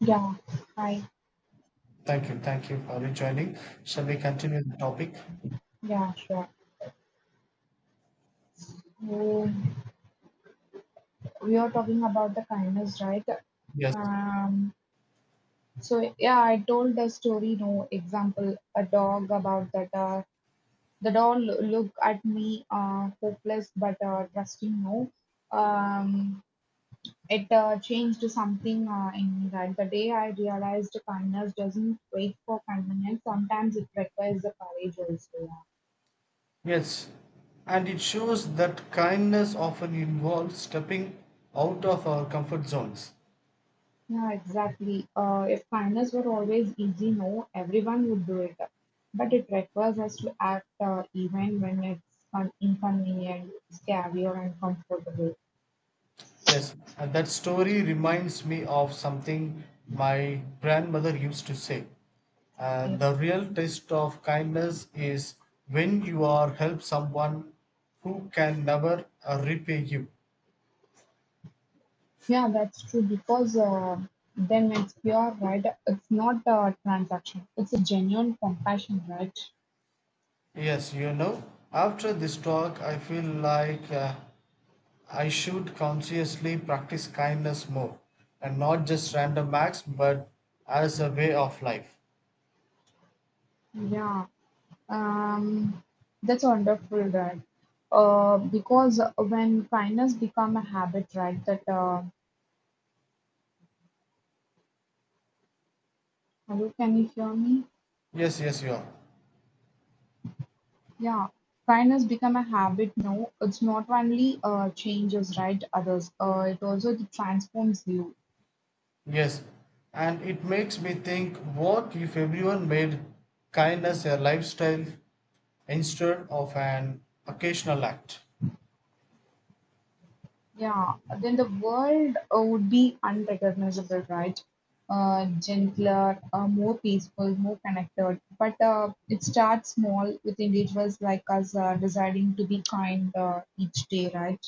Yeah, I Thank you for rejoining. Shall we continue the topic? yeah, sure. So we are talking about the kindness, right? Yes. Um, so yeah, I told the story. No example, a dog about that. The dog look at me, hopeless but trusting. No, um, it changed something in me. Right, the day I realized kindness doesn't wait for convenience. Sometimes it requires the courage also. Yeah. Yes. And it shows that kindness often involves stepping out of our comfort zones. Yeah, exactly. If kindness were always easy, no, everyone would do it. But it requires us to act even when it's inconvenient, scary, or uncomfortable. Yes, and that story reminds me of something my grandmother used to say. Okay. The real test of kindness is when you are help someone who can never repay you. Yeah, that's true because then it's pure, right? It's not a transaction, it's a genuine compassion, right? Yes, after this talk, I feel like I should consciously practice kindness more and not just random acts but as a way of life. Yeah, um, that's wonderful, right? Because when kindness become a habit, right? That Hello, can you hear me? Yes, yes, you are. Yeah, kindness become a habit now. It's not only changes right others, it also transforms you. Yes. And it makes me think, what if everyone made kindness a lifestyle instead of an occasional act? Yeah, then the world would be unrecognizable, right? Gentler, more peaceful, more connected. But it starts small with individuals like us deciding to be kind each day, right?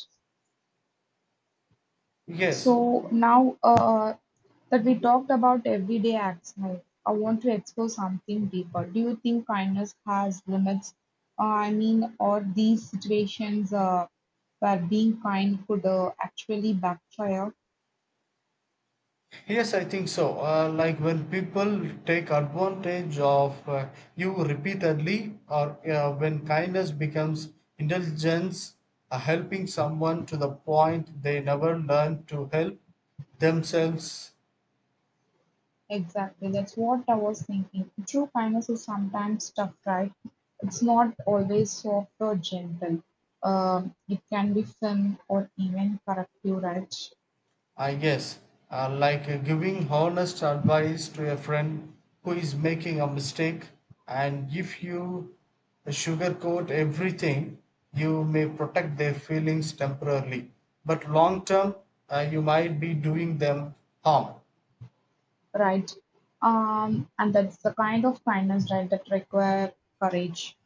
Yes. So now that we talked about everyday acts, I want to explore something deeper. Do you think kindness has limits? I mean, or these situations, where being kind could actually backfire? Yes, I think so. Like when people take advantage of you repeatedly, or when kindness becomes indulgence, helping someone to the point they never learn to help themselves. Exactly, that's what I was thinking. True kindness is sometimes tough, right? It's not always soft or gentle. It can be firm or even corrective, right? I guess, like giving honest advice to a friend who is making a mistake, and if you sugarcoat everything, you may protect their feelings temporarily, but long term, you might be doing them harm. Right. And that's the kind of kindness, right, that require courage.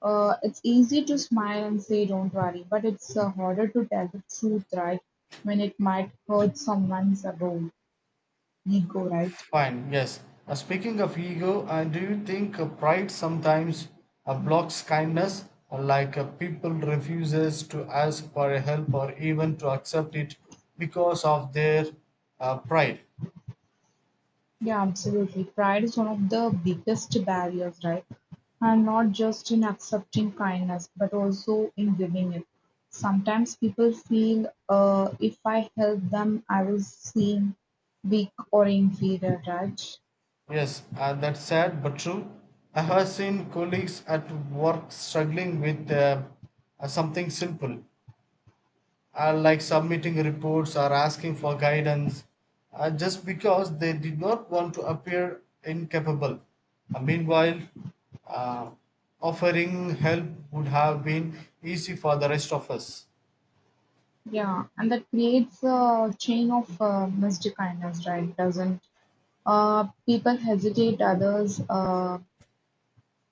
It's easy to smile and say, don't worry, but it's harder to tell the truth, right, when it might hurt someone's ego, right? Fine, yes. Speaking of ego, do you think pride sometimes blocks kindness? People refuses to ask for help or even to accept it because of their pride. Yeah, absolutely. Pride is one of the biggest barriers, right? And not just in accepting kindness, but also in giving it. Sometimes people feel if I help them, I will seem weak or inferior, right? Yes, that's sad but true. I have seen colleagues at work struggling with something simple like submitting reports or asking for guidance just because they did not want to appear incapable. Meanwhile, uh, offering help would have been easy for the rest of us. Yeah, and that creates a chain of missed kindness, right? Doesn't people hesitate others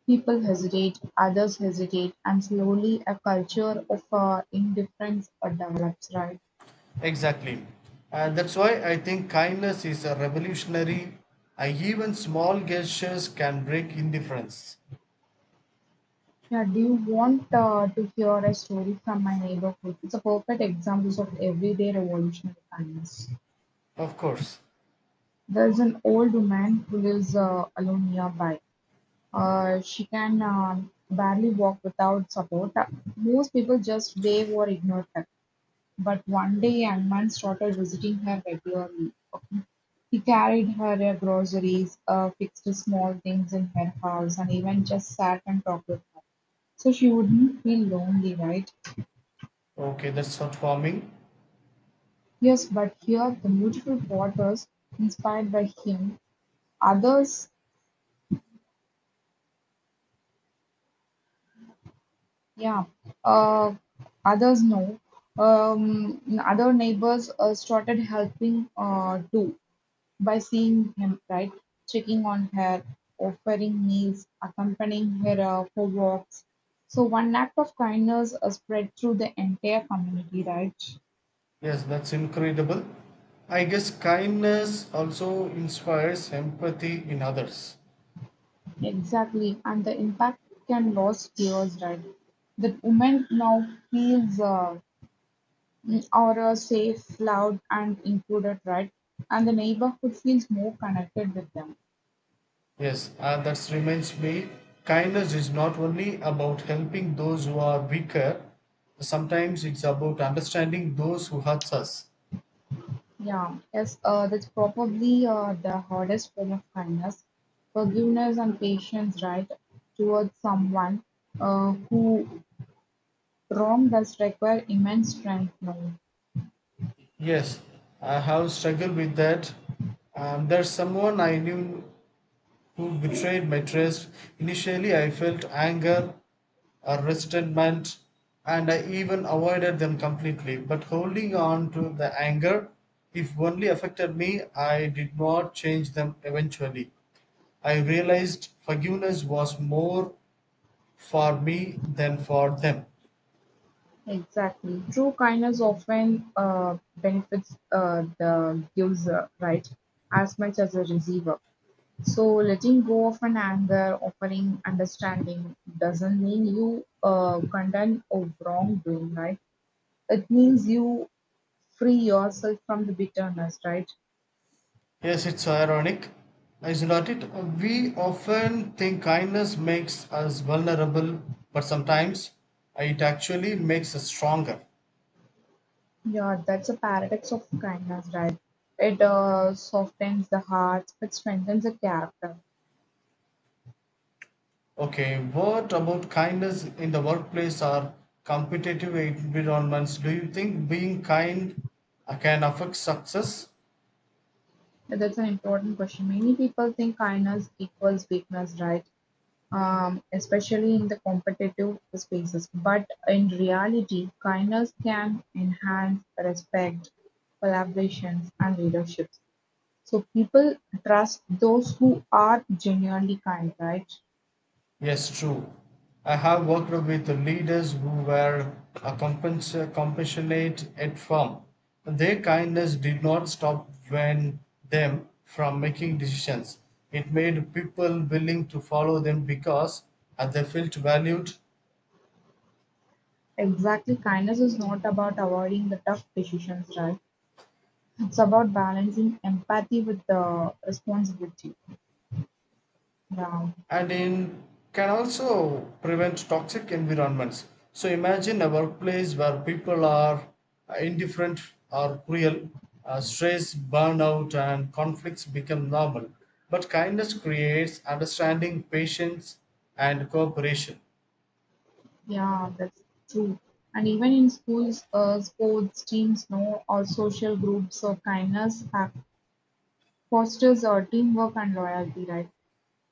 People hesitate, others hesitate, and slowly a culture of indifference develops, right? Exactly. And that's why I think kindness is a revolutionary. Even small gestures can break indifference. Yeah, do you want to hear a story from my neighborhood? It's a perfect example of everyday revolutionary kindness. Of course. There's an old woman who lives alone nearby. She can barely walk without support. Most people just wave or ignore her. But one day, a young man started visiting her regularly. He carried her groceries, fixed small things in her house, and even just sat and talked with her. So she wouldn't feel lonely, right? Okay, that's not for me. Yes, but here the beautiful daughters inspired by him. Others, yeah, uh, others know. Other neighbors started helping too. By seeing him, right, checking on her, offering meals, accompanying her for walks. So one act of kindness spread through the entire community, right? Yes, that's incredible. I guess kindness also inspires empathy in others. Exactly, and the impact can last years, right? The woman now feels mm, or safe, loved, and included, right? And the neighborhood feels more connected with them. Yes, that reminds me, kindness is not only about helping those who are weaker, sometimes it's about understanding those who hurt us. Yeah, yes, that's probably the hardest form of kindness. Forgiveness and patience, right, towards someone who wronged us require immense strength. No, Yes, I have struggled with that. There's someone I knew who betrayed my trust. Initially, I felt anger or resentment, and I even avoided them completely. But holding on to the anger, if only affected me, I did not change them eventually. I realized forgiveness was more for me than for them. exactly. True kindness often benefits the user, right, as much as the receiver. So letting go of an anger, offering understanding, doesn't mean you condemn or wrongdoing, right? It means you free yourself from the bitterness, right? Yes, it's ironic, isn't it? We often think kindness makes us vulnerable, but sometimes it actually makes us stronger. Yeah, that's a paradox of kindness, right? It softens the heart, it strengthens the character. Okay, what about kindness in the workplace or competitive environments? Do you think being kind can affect success? And That's an important question. Many people think kindness equals weakness, right? Especially in the competitive spaces. But in reality, kindness can enhance respect, collaborations, and leadership. So people trust those who are genuinely kind, right? Yes, true. I have worked with leaders who were compassionate at firm. Their kindness did not stop when them from making decisions. It made people willing to follow them because they felt valued. Exactly, kindness is not about avoiding the tough decisions, right? It's about balancing empathy with the responsibility. Yeah, And it can also prevent toxic environments. So imagine a workplace where people are indifferent or cruel, stress, burnout and conflicts become normal, but kindness creates understanding, patience and cooperation. yeah, that's true. And even in schools, sports teams, no, or social groups, so fosters teamwork and loyalty, right?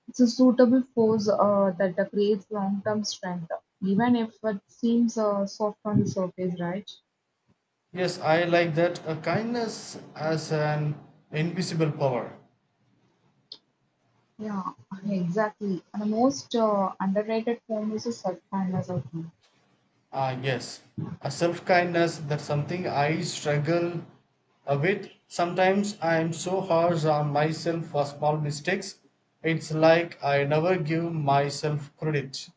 It's a suitable force that creates long-term strength, even if it seems soft on the surface, right? Yes, I like that, kindness as an invisible power. Yeah, exactly. And the most underrated form is a self-kindness, I think. Ah, yes. A self kindness, that's something I struggle with. Sometimes I'm so harsh on myself for small mistakes. It's like I never give myself credit.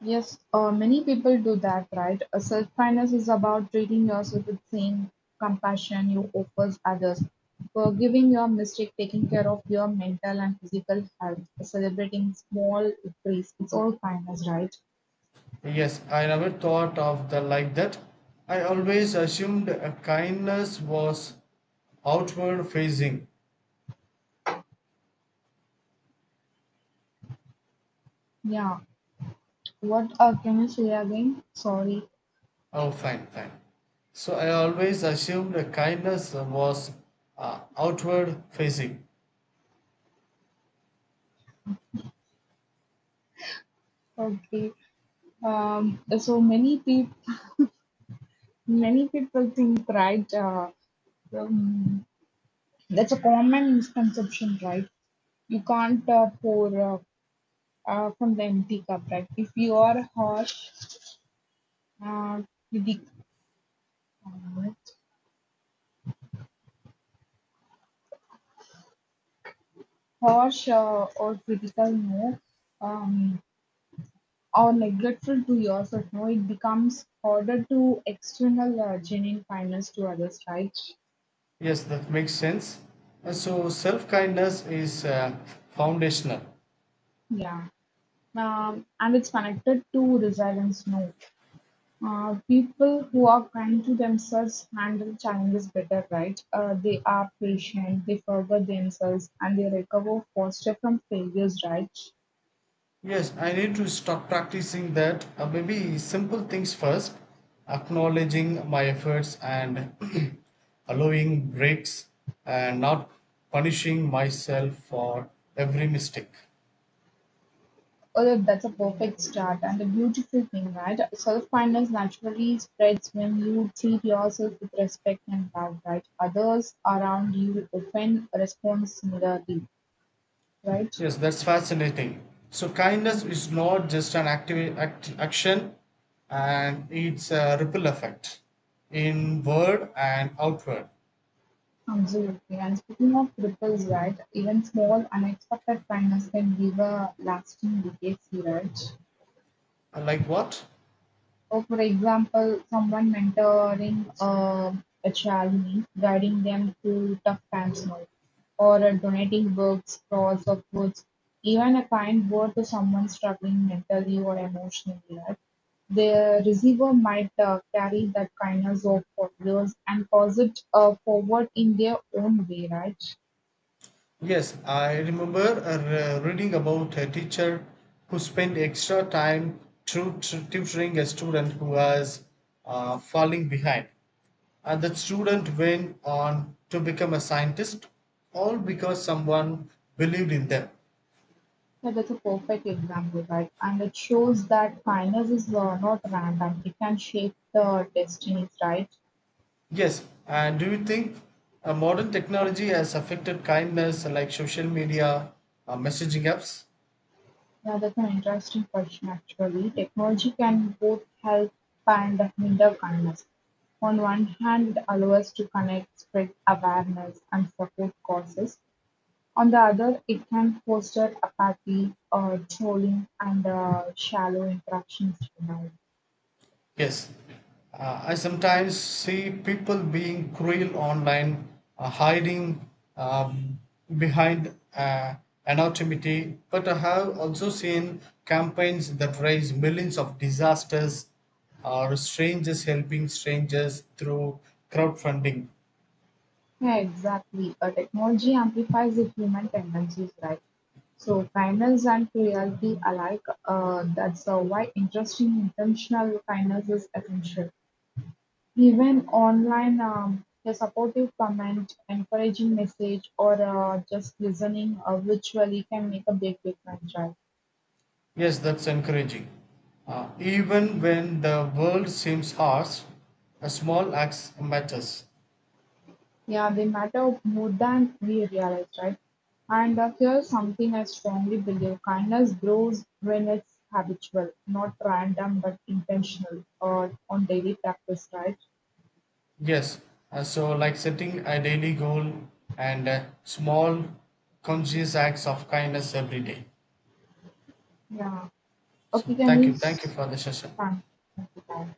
Yes, many people do that, right? Self-kindness is about treating yourself with same compassion you offers others, forgiving your mistake, taking care of your mental and physical health, celebrating small victories. It's all kindness, right? Yes, I never thought of the like that. I always assumed a kindness was outward facing. Yeah. What can you say again? Sorry. Oh, fine, fine. So I always assumed a kindness was outward facing. Okay. Um, so many people Many people think, right? Um, that's a common misconception, right? You can't pour from the empty cup, right? If you are uh, critic, um, harsh or critical, no, um, or neglectful to yourself, no, it becomes harder to external genuine kindness to others, right? Yes, that makes sense. So self kindness is foundational. Yeah. And it's connected to resilience, no. People who are kind to themselves handle challenges better, right? They are patient, they forgive themselves, and they recover faster from failures, right? Yes, I need to start practicing that. Maybe simple things first, acknowledging my efforts and allowing breaks and not punishing myself for every mistake. Oh, that's a perfect start and a beautiful thing, right? Self kindness naturally spreads when you treat yourself with respect and love, right? Others around you often respond similarly, right? Yes, that's fascinating. So kindness is not just an active act, action, and it's a ripple effect in word and outward. Absolutely. And speaking of ripples, right, even small unexpected kindness can give a lasting legacy, right? Like what? So, for example, someone mentoring a child means guiding them through tough times, no? Or donating books, clothes, or foods, even a kind word to someone struggling mentally or emotionally, right? The receiver might carry that kindness of for years and cause it forward in their own way, right? Yes, I remember reading about a teacher who spent extra time tutoring a student who was falling behind. And that student went on to become a scientist, all because someone believed in them. Yeah, that's a perfect example, right? And it shows that kindness is not random. It can shape the destinies, right? Yes, and do you think modern technology has affected kindness, like social media, messaging apps? Yeah, that's an interesting question actually. Technology can both help and hinder kindness. On one hand, it allows us to connect, spread awareness, and support causes. On the other, it can foster apathy, trolling, and shallow interactions. You know. Yes, I sometimes see people being cruel online, hiding um, behind anonymity. But I have also seen campaigns that raise millions of disasters or strangers helping strangers through crowdfunding. Yeah, exactly, a technology amplifies the human tendencies, right? So kindness and cruelty alike, that's why interesting intentional kindness is essential. Even online, a supportive comment, encouraging message, or just listening virtually can make a big difference, right? Yes, that's encouraging. Even when the world seems harsh, a small act matters. Yeah, they matter more than we realize, right? And here's something I strongly believe kindness grows when it's habitual, not random but intentional or on daily practice, right? Yes, so like setting a daily goal and small conscious acts of kindness every day. Yeah. So Okay, can we? Thank you for the session. Thank you.